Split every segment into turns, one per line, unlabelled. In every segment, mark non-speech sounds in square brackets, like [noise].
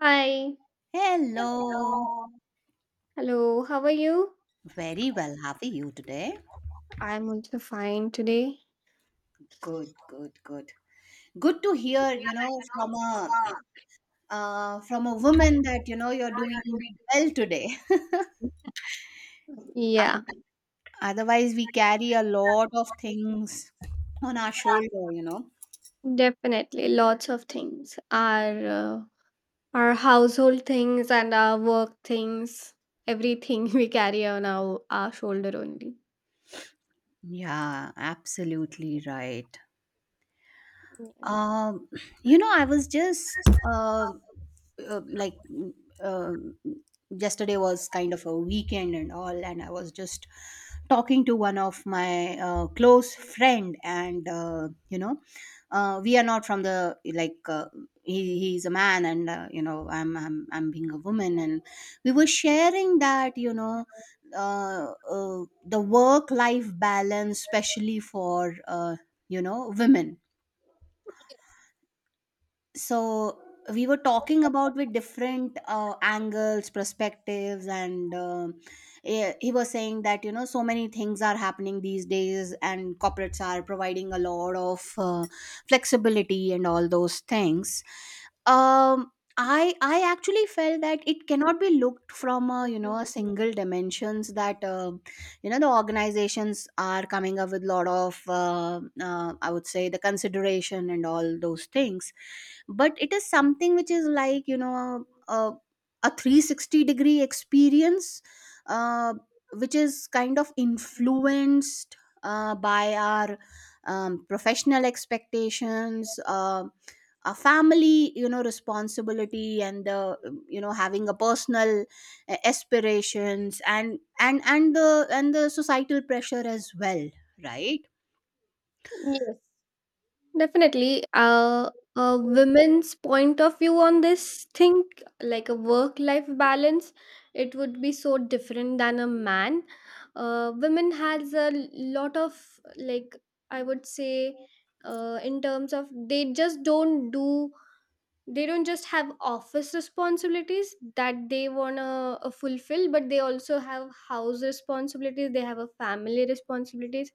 Hi.
Hello.
Hello. How are you?
Very well. How are you today?
I'm also fine today.
Good, good, good. Good to hear, you know, from a woman that you know you're doing well today.
Yeah,
[laughs] Otherwise, we carry a lot of things on our shoulder, you know.
definitely. Lots of things. Our household things and our work things. Everything [laughs] we carry on our shoulder only.
Yeah, absolutely right.
Yeah.
Um, [clears throat] you know, I was just uh, uh, like mm, um yesterday was kind of a weekend and all, and I was just talking to one of my close friend, and you know, we are not from the like. He's a man and you know I'm being a woman, and we were sharing that you know the work life balance, especially for you know women. So we were talking about with different angles, perspectives, and he was saying that you know so many things are happening these days and corporates are providing a lot of flexibility and all those things. um I actually felt that it cannot be looked from a you know a single dimensions, that you know the organizations are coming up with lot of I would say the consideration and all those things, but it is something which is like you know a 360 degree experience, uh, which is kind of influenced by our professional expectations, a family you know responsibility, and the you know having a personal aspirations, and the and the societal pressure as well, right?
Yes. Definitely. A women's point of view on this thing, like a work life balance, it would be so different than a man. Women has a lot of, like, I would say, in terms of, they just don't do, they don't just have office responsibilities that they want to fulfill, but they also have house responsibilities, they have a family responsibilities.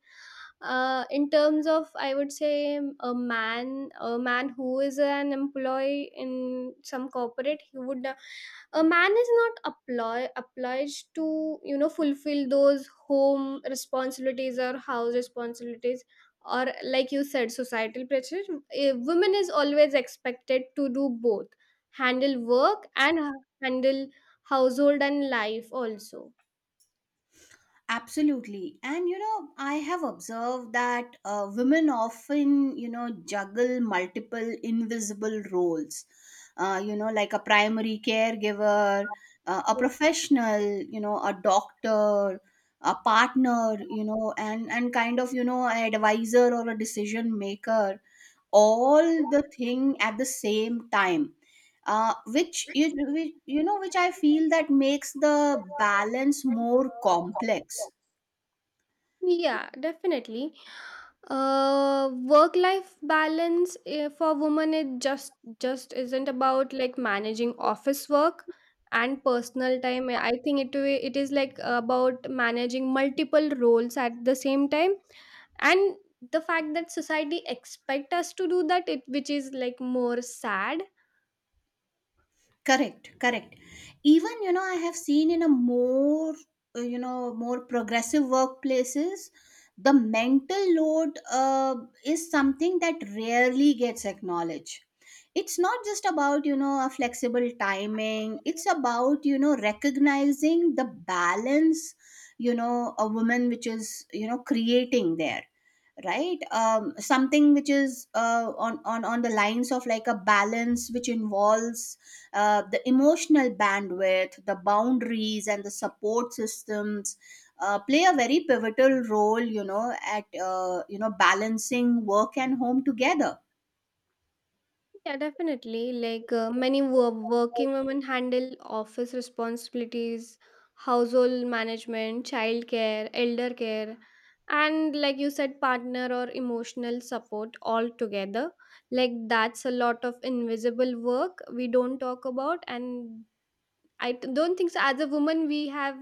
In terms of, I would say, a man who is an employee in some corporate, he would, a man is not apply, obliged to, you know, fulfill those home responsibilities or house responsibilities, or like you said, societal pressure. A woman is always expected to do both, handle work and handle household and life also.
Absolutely. And you know, I have observed that women often, you know, juggle multiple invisible roles, you know, like a primary caregiver, a professional, you know, a doctor, a partner, you know, and kind of, you know, an advisor or a decision maker, all the thing at the same time. You know which I feel that makes the balance more complex.
Yeah, definitely. Work life balance, for women, it just isn't about, like, managing office work and personal time. I think it is, like, about managing multiple roles at the same time. And the fact that society expect us to do that, it which is like more sad.
Correct, correct. Even, you know, I have seen in a more, you know, more progressive workplaces, the mental load is something that rarely gets acknowledged. It's not just about, you know, a flexible timing, it's about, you know, recognizing the balance, you know, a woman which is, you know, creating there, right? Something which is on, on the lines of like a balance which involves the emotional bandwidth, the boundaries, and the support systems play a very pivotal role, you know, at you know balancing work and home together.
Yeah, definitely. Like, many working women handle office responsibilities, household management, childcare, elder care, and, like you said, partner or emotional support all together. Like, that's a lot of invisible work we don't talk about, and don't think so. As a woman, we have,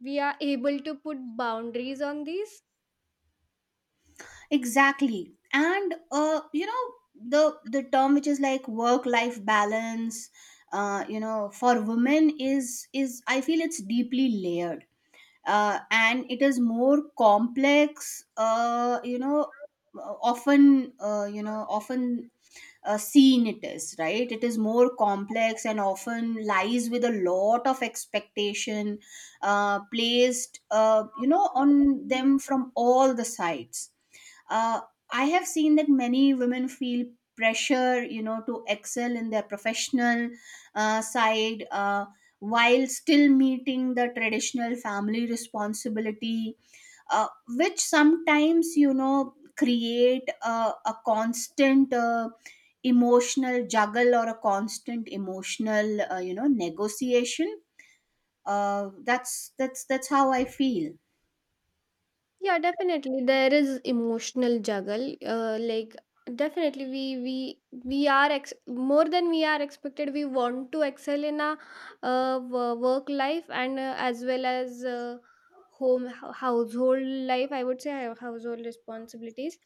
we are able to put boundaries on these.
Exactly, and you know the term which is like work life balance, you know for women is, I feel, it's deeply layered, and it is more complex. You know, often you know often seen, it is right, it is more complex, and often lies with a lot of expectation placed you know on them from all the sides. uh, I have seen that many women feel pressure, you know, to excel in their professional side, while still meeting the traditional family responsibility, which sometimes you know create a constant emotional juggle or a constant emotional you know negotiation. That's how I feel.
Yeah, definitely. There is emotional juggle. Like, definitely we are more than we are expected. We want to excel in a work life and as well as home household life. I would say household responsibilities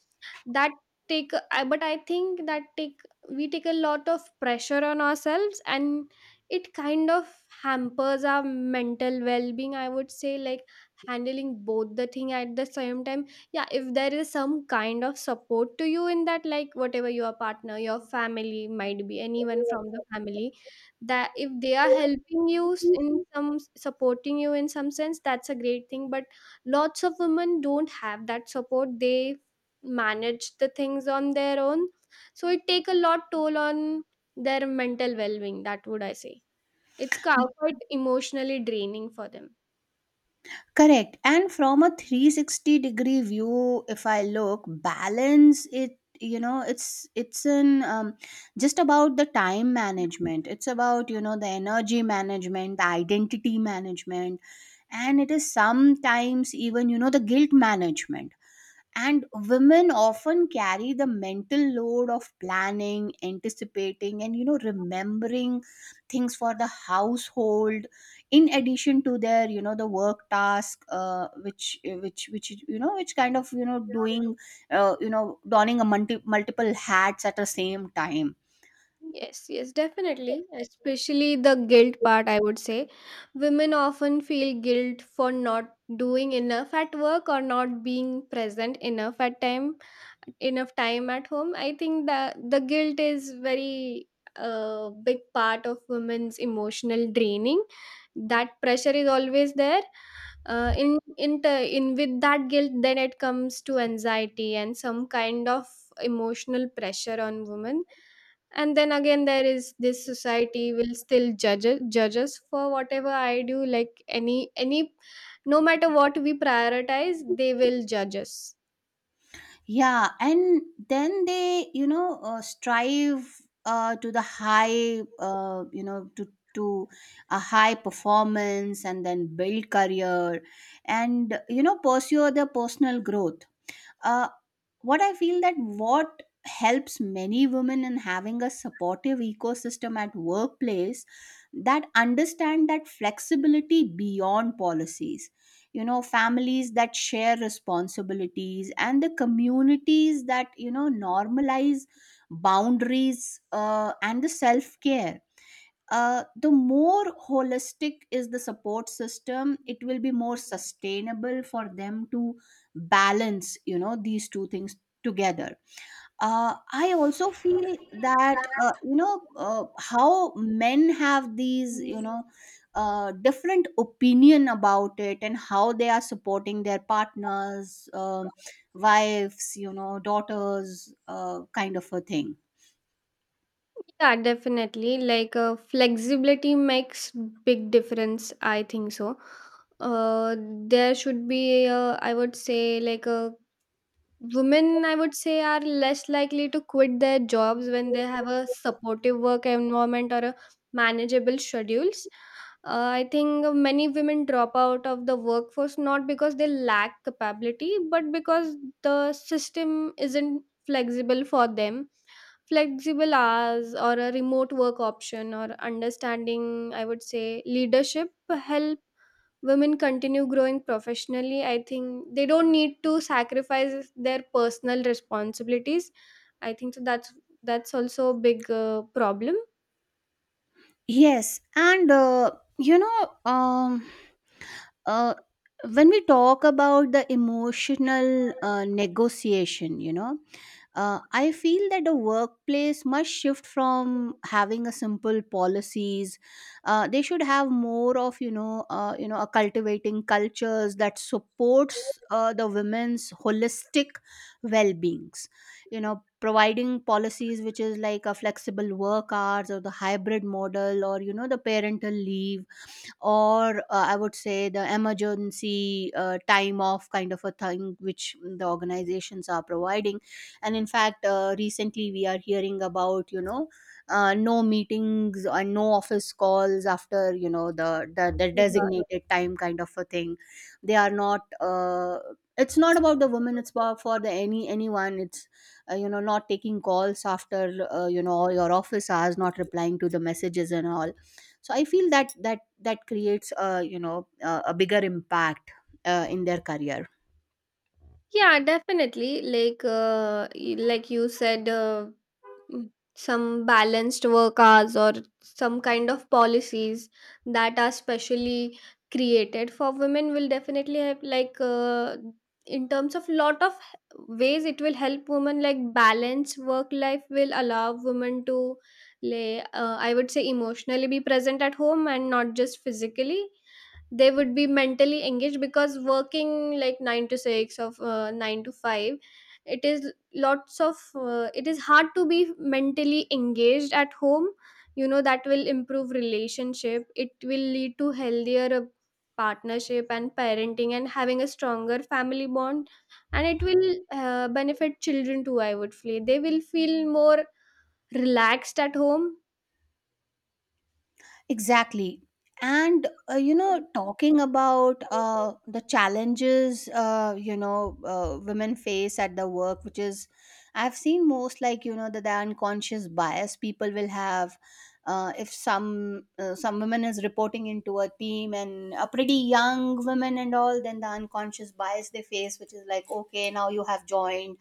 that take, but I think that take, we take a lot of pressure on ourselves, and it kind of hampers our mental well-being. I would say, like, handling both the thing at the same time. Yeah, if there is some kind of support to you in that, like, whatever your partner, your family, might be anyone from the family, that if they are helping you, in some supporting you in some sense, that's a great thing. But lots of women don't have that support, they manage the things on their own, so it take a lot toll on their mental well-being, that would I say. Quite emotionally draining for them.
Correct. And from a 360 degree view, if I look, balance it, you know it's an just about the time management, it's about you know the energy management, the identity management, and it is sometimes even, you know, the guilt management. And women often carry the mental load of planning, anticipating, and you know, remembering things for the household, in addition to their you know the work task, which you know which kind of you know doing, you know, donning a multiple hats at the same time.
Yes, definitely. Especially the guilt part, I would say. Women often feel guilt for not doing enough at work or not being present enough at time enough time at home. I think that the guilt is very, big part of women's emotional draining. That pressure is always there. In with that guilt, then it comes to anxiety and some kind of emotional pressure on women. And then again, there is this society will still judge us for whatever I do. Like, any, no matter what we prioritize, they will judge us.
Yeah, and then they, you know, strive to the high, you know, to a high performance, and then build career, and you know, pursue their personal growth. uh, what I feel, that what helps many women in having a supportive ecosystem at workplace that understand that flexibility beyond policies, you know families that share responsibilities and the communities that you know normalize boundaries and the self care. The more holistic is the support system, it will be more sustainable for them to balance, you know, these two things together. I also feel that you know how men have these you know different opinion about it and how they are supporting their partners, wives, you know daughters, kind of a thing.
Yeah, definitely. Like, flexibility makes big difference, I think so. uh there should be a, I would say, like, a, women, I would say, are less likely to quit their jobs when they have a supportive work environment or a manageable schedules. I think many women drop out of the workforce, not because they lack capability, but because the system isn't flexible for them. Flexible hours, or a remote work option, or understanding, I would say, leadership, help women continue growing professionally. I think they don't need to sacrifice their personal responsibilities. I think so. That's also a big problem.
Yes, and you know uh, when we talk about the emotional negotiation, you know, uh, I feel that the workplace must shift from having a simple policies. They should have more of, you know, you know a cultivating cultures that supports the women's holistic well beings. You know, providing policies which is like a flexible work hours or the hybrid model or, you know, the parental leave or I would say the emergency time off kind of a thing which the organizations are providing. And in fact, recently we are hearing about, you know, no meetings and no office calls after, you know, the
Yeah.
designated time, kind of a thing. They are not it's not about the women, it's about for the anyone. It's you know not taking calls after you know all your office hours, not replying to the messages and all. So I feel that that creates a, you know, a bigger impact in their career.
Yeah, definitely. Like, like you said, Mm, some balanced work hours or some kind of policies that are specially created for women will definitely help. Like, in terms of lot of ways, it will help women, like, balance work life will allow women to lay I would say, emotionally be present at home and not just physically. They would be mentally engaged, because working like 9 to 6 of 9 to 5, it is lots of, it is hard to be mentally engaged at home. You know, that will improve relationship, it will lead to healthier partnership and parenting and having a stronger family bond. And it will, benefit children too, I would feel. They will feel more relaxed at home.
Exactly, and you know talking about the challenges, you know women face at the work, which is I've seen most like you know the unconscious bias people will have. If some women is reporting into a team and a pretty young women and all, then the unconscious bias they face, which is like, okay, now you have joined,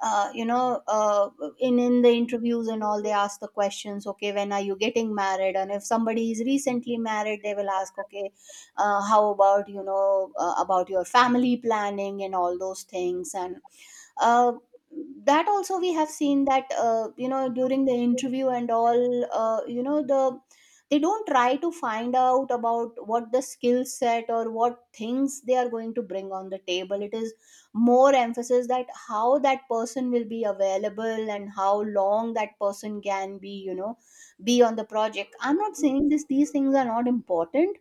you know in the interviews and all, they ask the questions, okay, when are you getting married, and if somebody is recently married, they will ask, okay, how about, you know, about your family planning and all those things. And uh, that also we have seen, that you know during the interview and all, you know the they don't try to find out about what the skill set or what things they are going to bring on the table. It is more emphasis that how that person will be available and how long that person can be, you know, be on the project. I'm not saying this these things are not important,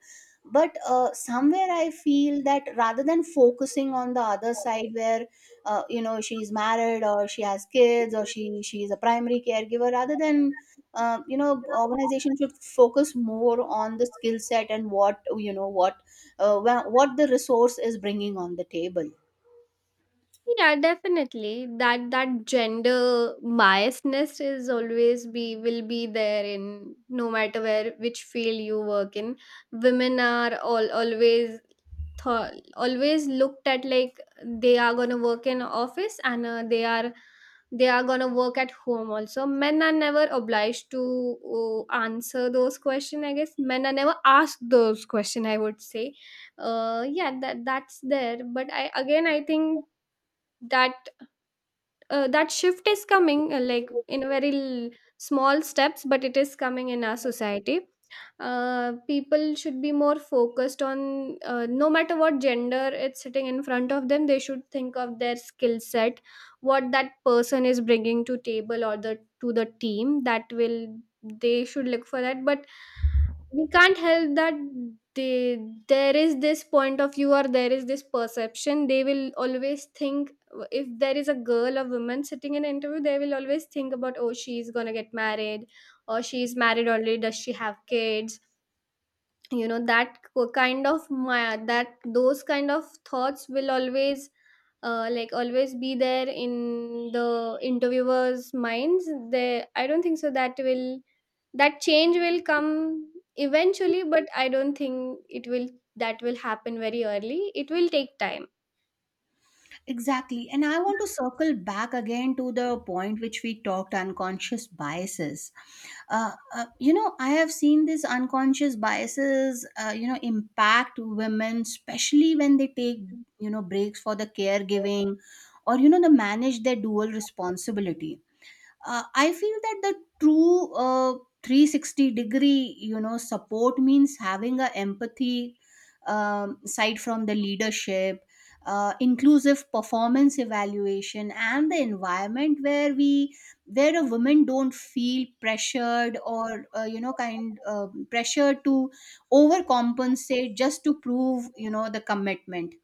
but somewhere I feel that rather than focusing on the other side, where you know she's married or she has kids or she is a primary caregiver, rather than you know organization should focus more on the skill set and what, you know, what what the resource is bringing on the table.
Yeah, definitely. That gender biasness is always be will be there, in no matter where, which field you work in. Women are all always thought always looked at like they are gonna work in office, and they are gonna work at home also. Men are never obliged to answer those questions. I guess men are never asked those questions, I would say. Yeah, that that's there. But I, again, I think that, that shift is coming, like, in a very l- small steps, but it is coming in our society. People should be more focused on, no matter what gender it's sitting in front of them, they should think of their skill set, what that person is bringing to table or the to the team, that will, they should look for that. But we can't help that they, there is this point of view, or there is this perception, they will always think, if there is a girl or woman sitting in an interview, they will always think about, oh, she's gonna get married, or she's married already, does she have kids, you know, kind of my, that those kind of thoughts will always, like, always be there in the interviewers minds. They, I don't think so that will, that change will come eventually, but I don't think it will, that will happen very early. It will take time.
Exactly. And I want to circle back again to the point which we talked unconscious biases. You know, I have seen these unconscious biases, you know, impact women, especially when they take, you know, breaks for the caregiving or, you know, the manage their dual responsibility. I feel that the true 360 degree, you know, support means having a empathy side from the leadership, inclusive performance evaluation, and the environment where we where a woman don't feel pressured or you know kind pressure to overcompensate just to prove, you know, the commitment.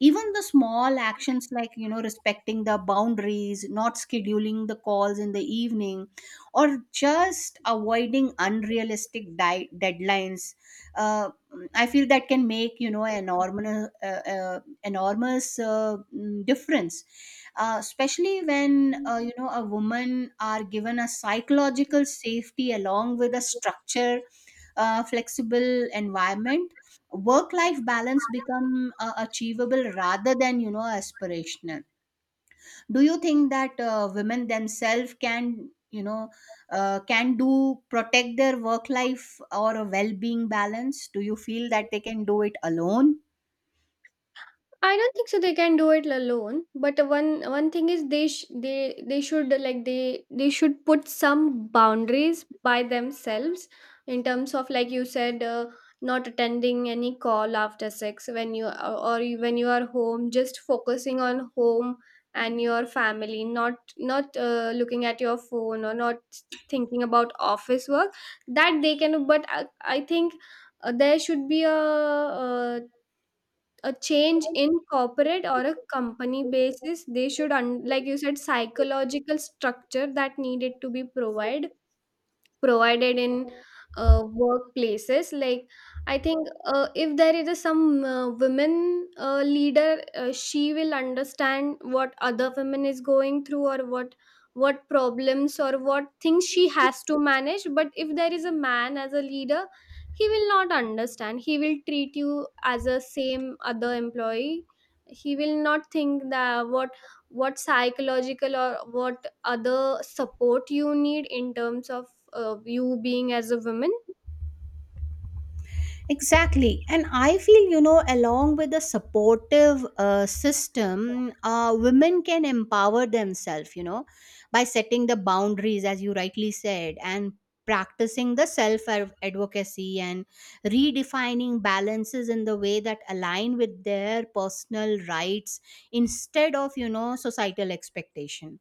Even the small actions like, you know, respecting the boundaries, not scheduling the calls in the evening, or just avoiding unrealistic deadlines, uh, I feel that can make, you know, an enormous enormous difference, especially when you know a woman are given a psychological safety along with a structure, flexible environment, work life balance become achievable rather than, you know, aspirational. Do you think that women themselves can, you know, can do protect their work life or a well being balance? Do you feel that they can do it alone?
I don't think so they can do it alone. But one, one thing is they should, like, they should put some boundaries by themselves in terms of, like you said, not attending any call after six when you, or you-, when you are home, just focusing on home and your family, not, looking at your phone or not thinking about office work. That they can, but I think, there should be uh a change in corporate or a company basis. They should like you said, psychological structure, that needed to be provided in workplaces. Like, I think, if there is a, some women leader, she will understand what other women is going through, or what problems or what things she has to manage. But if there is a man as a leader, he will not understand, he will treat you as a same other employee. He will not think that what psychological or what other support you need in terms of, you being as a woman.
Exactly. And I feel, you know, along with a supportive system, women can empower themselves, you know, by setting the boundaries, as you rightly said, and practicing the self advocacy and redefining balances in the way that align with their personal rights instead of, you know, societal expectation.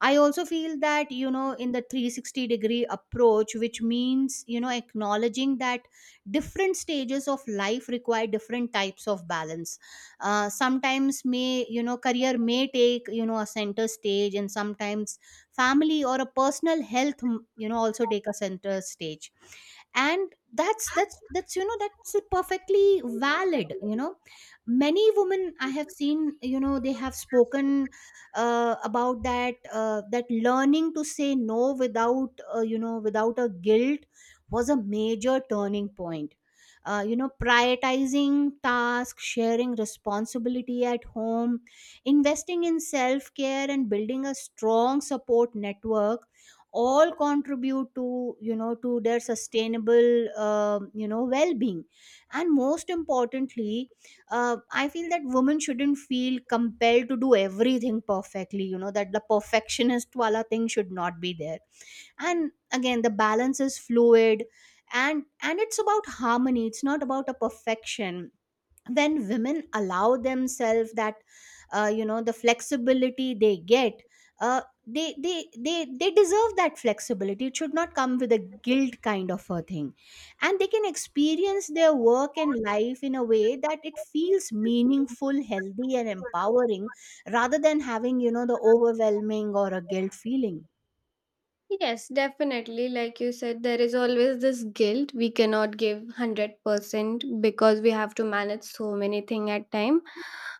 I also feel that, you know, in the 360 degree approach, which means, you know, acknowledging that different stages of life require different types of balance. Sometimes may, you know, career may take, you know, a center stage and sometimes family or a personal health, you know, also take a center stage, and that's you know that's perfectly valid, you know. Many women I have seen, you know, they have spoken about that, that learning to say no without you know without a guilt was a major turning point. You know, prioritizing tasks, sharing responsibility at home, investing in self care and building a strong support network all contribute to, you know, to their sustainable you know well being. And most importantly, I feel that women shouldn't feel compelled to do everything perfectly, you know, that the perfectionist wala thing should not be there. And again, the balance is fluid, and it's about harmony. It's not about a perfection. When women allow themselves that you know the flexibility they get, they deserve that flexibility. It should not come with a guilt kind of a thing, and they can experience their work and life in a way that it feels meaningful, healthy and empowering, rather than having, you know, the overwhelming or a guilt feeling.
Yes, definitely, like you said, there is always this guilt. We cannot give 100% because we have to manage so many things at time.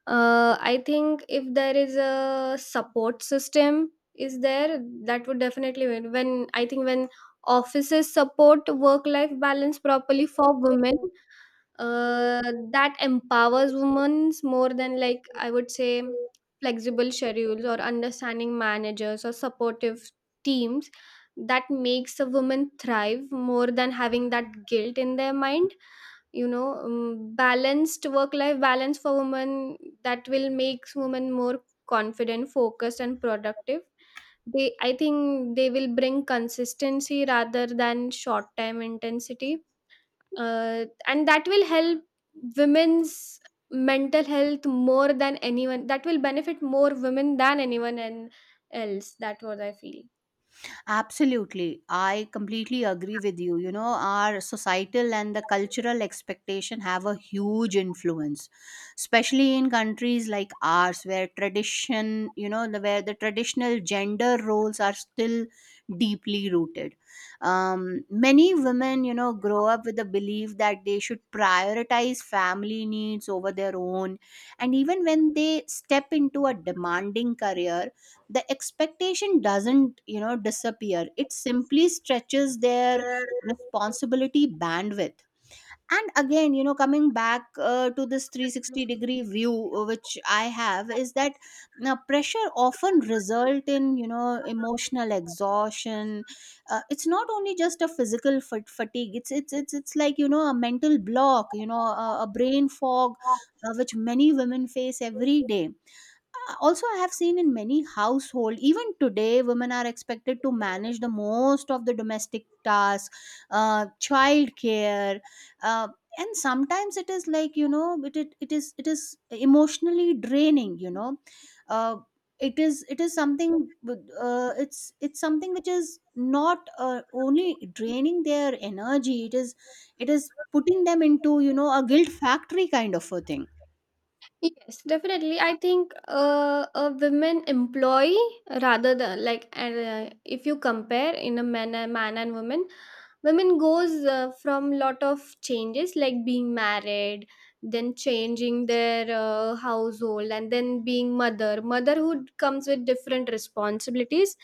I think if there is a support system is there, that would definitely win. When i think when offices support work life balance properly for women, uh, that empowers women more than, like, I would say, flexible schedules or understanding managers or supportive teams. That makes a woman thrive more than having that guilt in their mind. You know, balanced work life balance for women, that will make women more confident, focused, and productive. They, I think they will bring consistency rather than short time intensity. And that will help women's mental health more than anyone. That will benefit more women than anyone and else, that what I feel.
Absolutely. I completely agree with you. You know, our societal and the cultural expectation have a huge influence, especially in countries like ours where tradition, you know, where the traditional gender roles are still deeply rooted. Many women, you know, grow up with the belief that they should prioritize family needs over their own. And even when they step into a demanding career, the expectation doesn't, you know, disappear. It simply stretches their responsibility bandwidth. And again, you know, coming back to this 360-degree view which I have is that now pressure often result in, you know, emotional exhaustion. It's not only just a physical fatigue. It's like, you know, a mental block, you know, a brain fog, which many women face every day. Also I have seen in many household even today women are expected to manage the most of the domestic tasks, child care, uh, and sometimes it is like, you know, it is emotionally draining, you know. uh, it is, it is something it's something which is not only draining their energy. It is, it is putting them into, you know, a guilt factory kind of a thing.
Yes, definitely. I think, a women employee, rather than, like and if you compare in a man and man and woman, women goes from lot of changes, like being married, then changing their household, and then being mother. Motherhood comes with different responsibilities.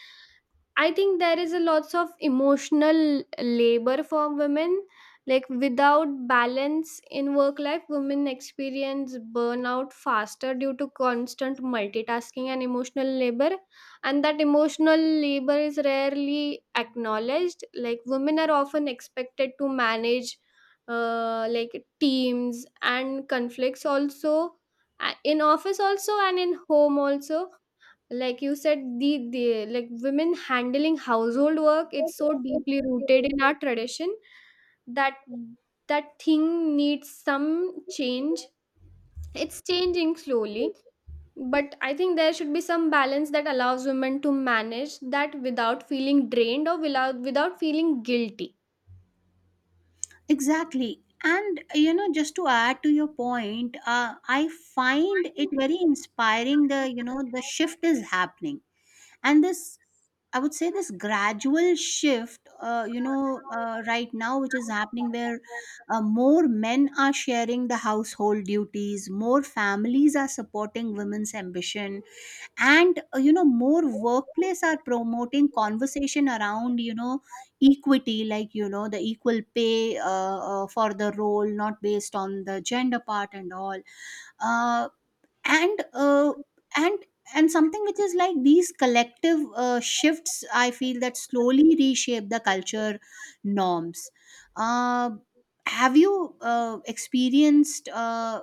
I think there is a lots of emotional labor for women. Like, without balance in work life, women experience burnout faster due to constant multitasking and emotional labor. And that emotional labor is rarely acknowledged. Like, women are often expected to manage, like, teams and conflicts also, in office also, and in home also. Like you said, the, like, women handling household work, it's so deeply rooted in our tradition, that that thing needs some change. It's changing slowly, but I think there should be some balance that allows women to manage that without feeling drained or without feeling guilty.
Exactly. And you know, just to add to your point, I find it very inspiring the, you know, the shift is happening, and this I would say this gradual shift, right now, which is happening where more men are sharing the household duties, more families are supporting women's ambition, and you know more workplace are promoting conversation around, you know, equity, like, you know, the equal pay for the role not based on the gender part and all, uh, and uh, and and something which is like these collective shifts I feel that slowly reshape the culture norms. uh, have you experienced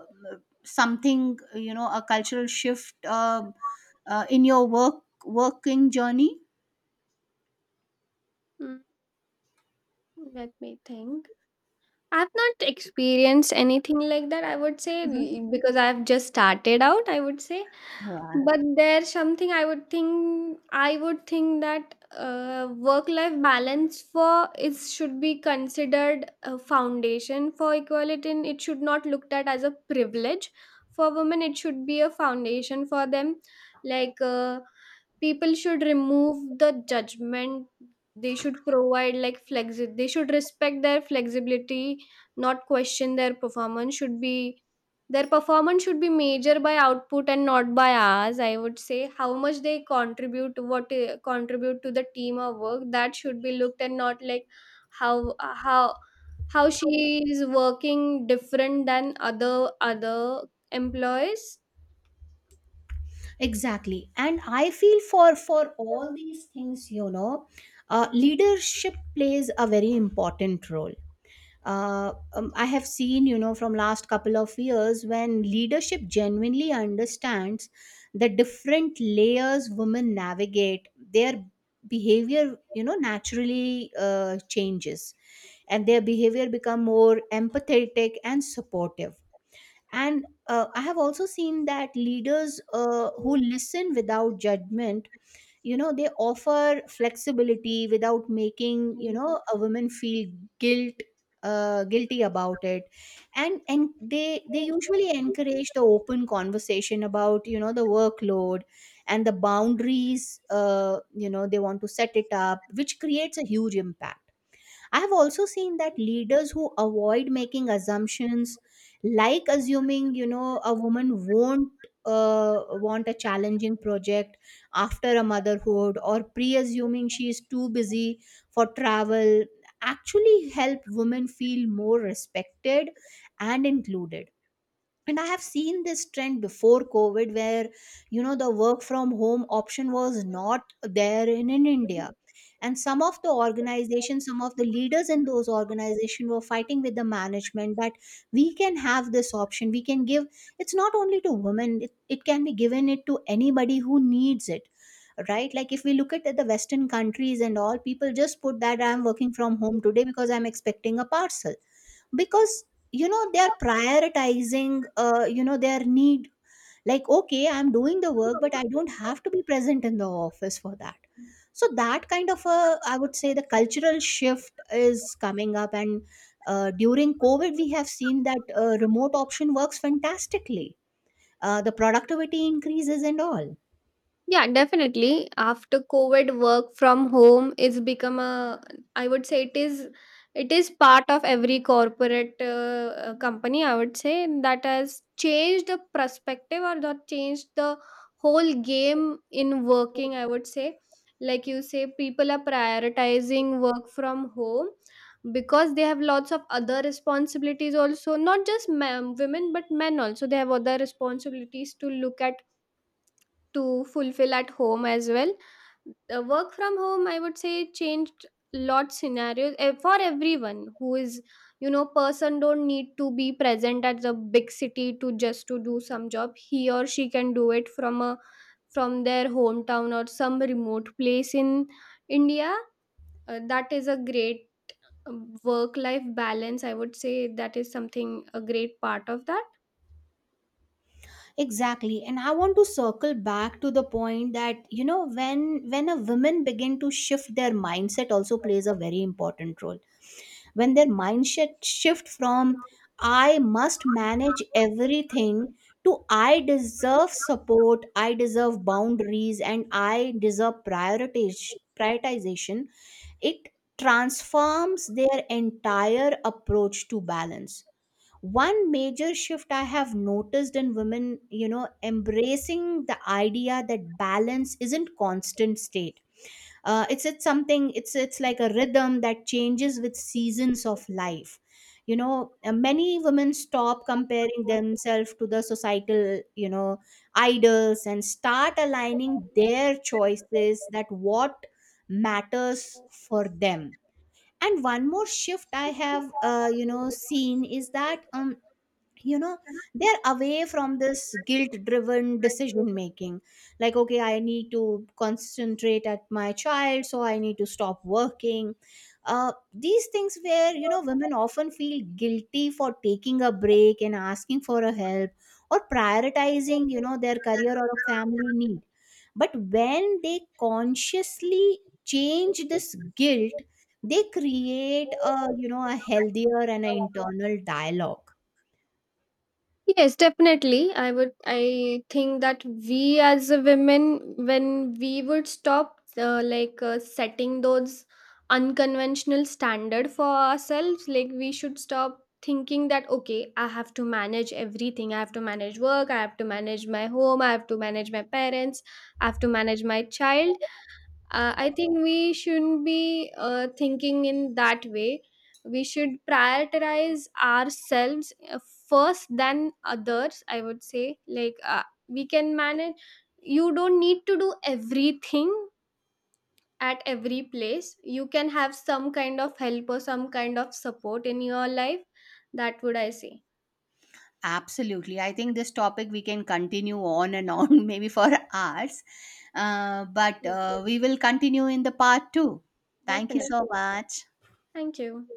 something, you know, a cultural shift, in your working journey?
Mm, let me think. I've not experienced anything like that, I would say,
Mhm.
because I've just started out, I would say.
Yeah,
But there's something, I would think that, work life balance for it should be considered a foundation for equality, and it should not looked at as a privilege. For women, it should be a foundation for them. Like, people should remove the judgment. They should provide, like, flexi, they should respect their flexibility, not question their performance should be their performance. Should be measured by output and not by hours, I would say. How much they contribute, what, contribute to the team or work, that should be looked, and not like how, how how she is working different than other employees.
exactly. And I feel for all these things, you know, leadership plays a very important role. I have seen, you know, from last couple of years when leadership genuinely understands the different layers women navigate, their behavior, you know, naturally changes, and their behavior become more empathetic and supportive. And I have also seen that leaders who listen without judgment, you know, they offer flexibility without making, you know, a woman feel guilt guilty about it, and they usually encourage the open conversation about, you know, the workload and the boundaries, you know they want to set it up, which creates a huge impact. I have also seen that leaders who avoid making assumptions, like assuming, you know, a woman won't want a challenging project after a motherhood, or pre assuming she is too busy for travel, actually help women feel more respected and included. And I have seen this trend before covid where, you know, the work from home option was not there in india, and some of the organizations, some of the leaders in those organizations were fighting with the management that we can have this option. We can give it's not only to women. It can be given it to anybody who needs it, right? Like if we look at the western countries and all, people just put that I'm working from home today because I'm expecting a parcel, because, you know, they are prioritizing you know their need. Like okay, I'm doing the work, but I don't have to be present in the office for that. So that kind of a, I would say, the cultural shift is coming up. And during covid we have seen that remote option works fantastically. The productivity increases and all.
Yeah, definitely. After COVID, work from home is become a, I would say it is, it is part of every corporate, company, I would say. That has changed the perspective, or that changed the whole game in working, I would say. Like you say, people are prioritizing work from home because they have lots of other responsibilities also. Not just men, women, but men also. They have other responsibilities to look at, to fulfill at home as well. The work from home, I would say, changed lot scenarios, for everyone who is, you know. Person don't need to be present at the big city to just to do some job. He or she can do it from a, from their hometown or some remote place in India. That is a great work life balance, I would say, that is something a great part of that.
Exactly. And I want to circle back to the point that, you know, when a women begin to shift their mindset also plays a very important role. When their mindset shift from I must manage everything to I deserve support, I deserve boundaries and I deserve prioritization, it transforms their entire approach to balance. One major shift I have noticed in women, you know, embracing the idea that balance isn't constant state. It's it's like a rhythm that changes with seasons of life, you know. Many women stop comparing themselves to the societal, you know, idols and start aligning their choices that what matters for them. And one more shift I have you know seen is that you know they're away from this guilt driven decision making. Like okay, I need to concentrate at my child, so I need to stop working. These things where, you know, women often feel guilty for taking a break and asking for a help, or prioritizing, you know, their career or a family need. But when they consciously change this guilt, they create a, you know, a healthier and an internal dialogue.
Yes, definitely. I would, I think that we, as a women, when we would stop, setting those unconventional standard for ourselves, like, we should stop thinking that, okay, I have to manage everything, I have to manage work, I have to manage my home, I have to manage my parents, I have to manage my child. I think we shouldn't be, thinking in that way. We should prioritize ourselves first than others, I would say. Like, we can manage, you don't need to do everything at every place. You can have some kind of help or some kind of support in your life, that would I say.
Absolutely. I think this topic we can continue on and on, [laughs] maybe for hours. But we will continue in the part two. Thank you so
Definitely.
much.
Thank you.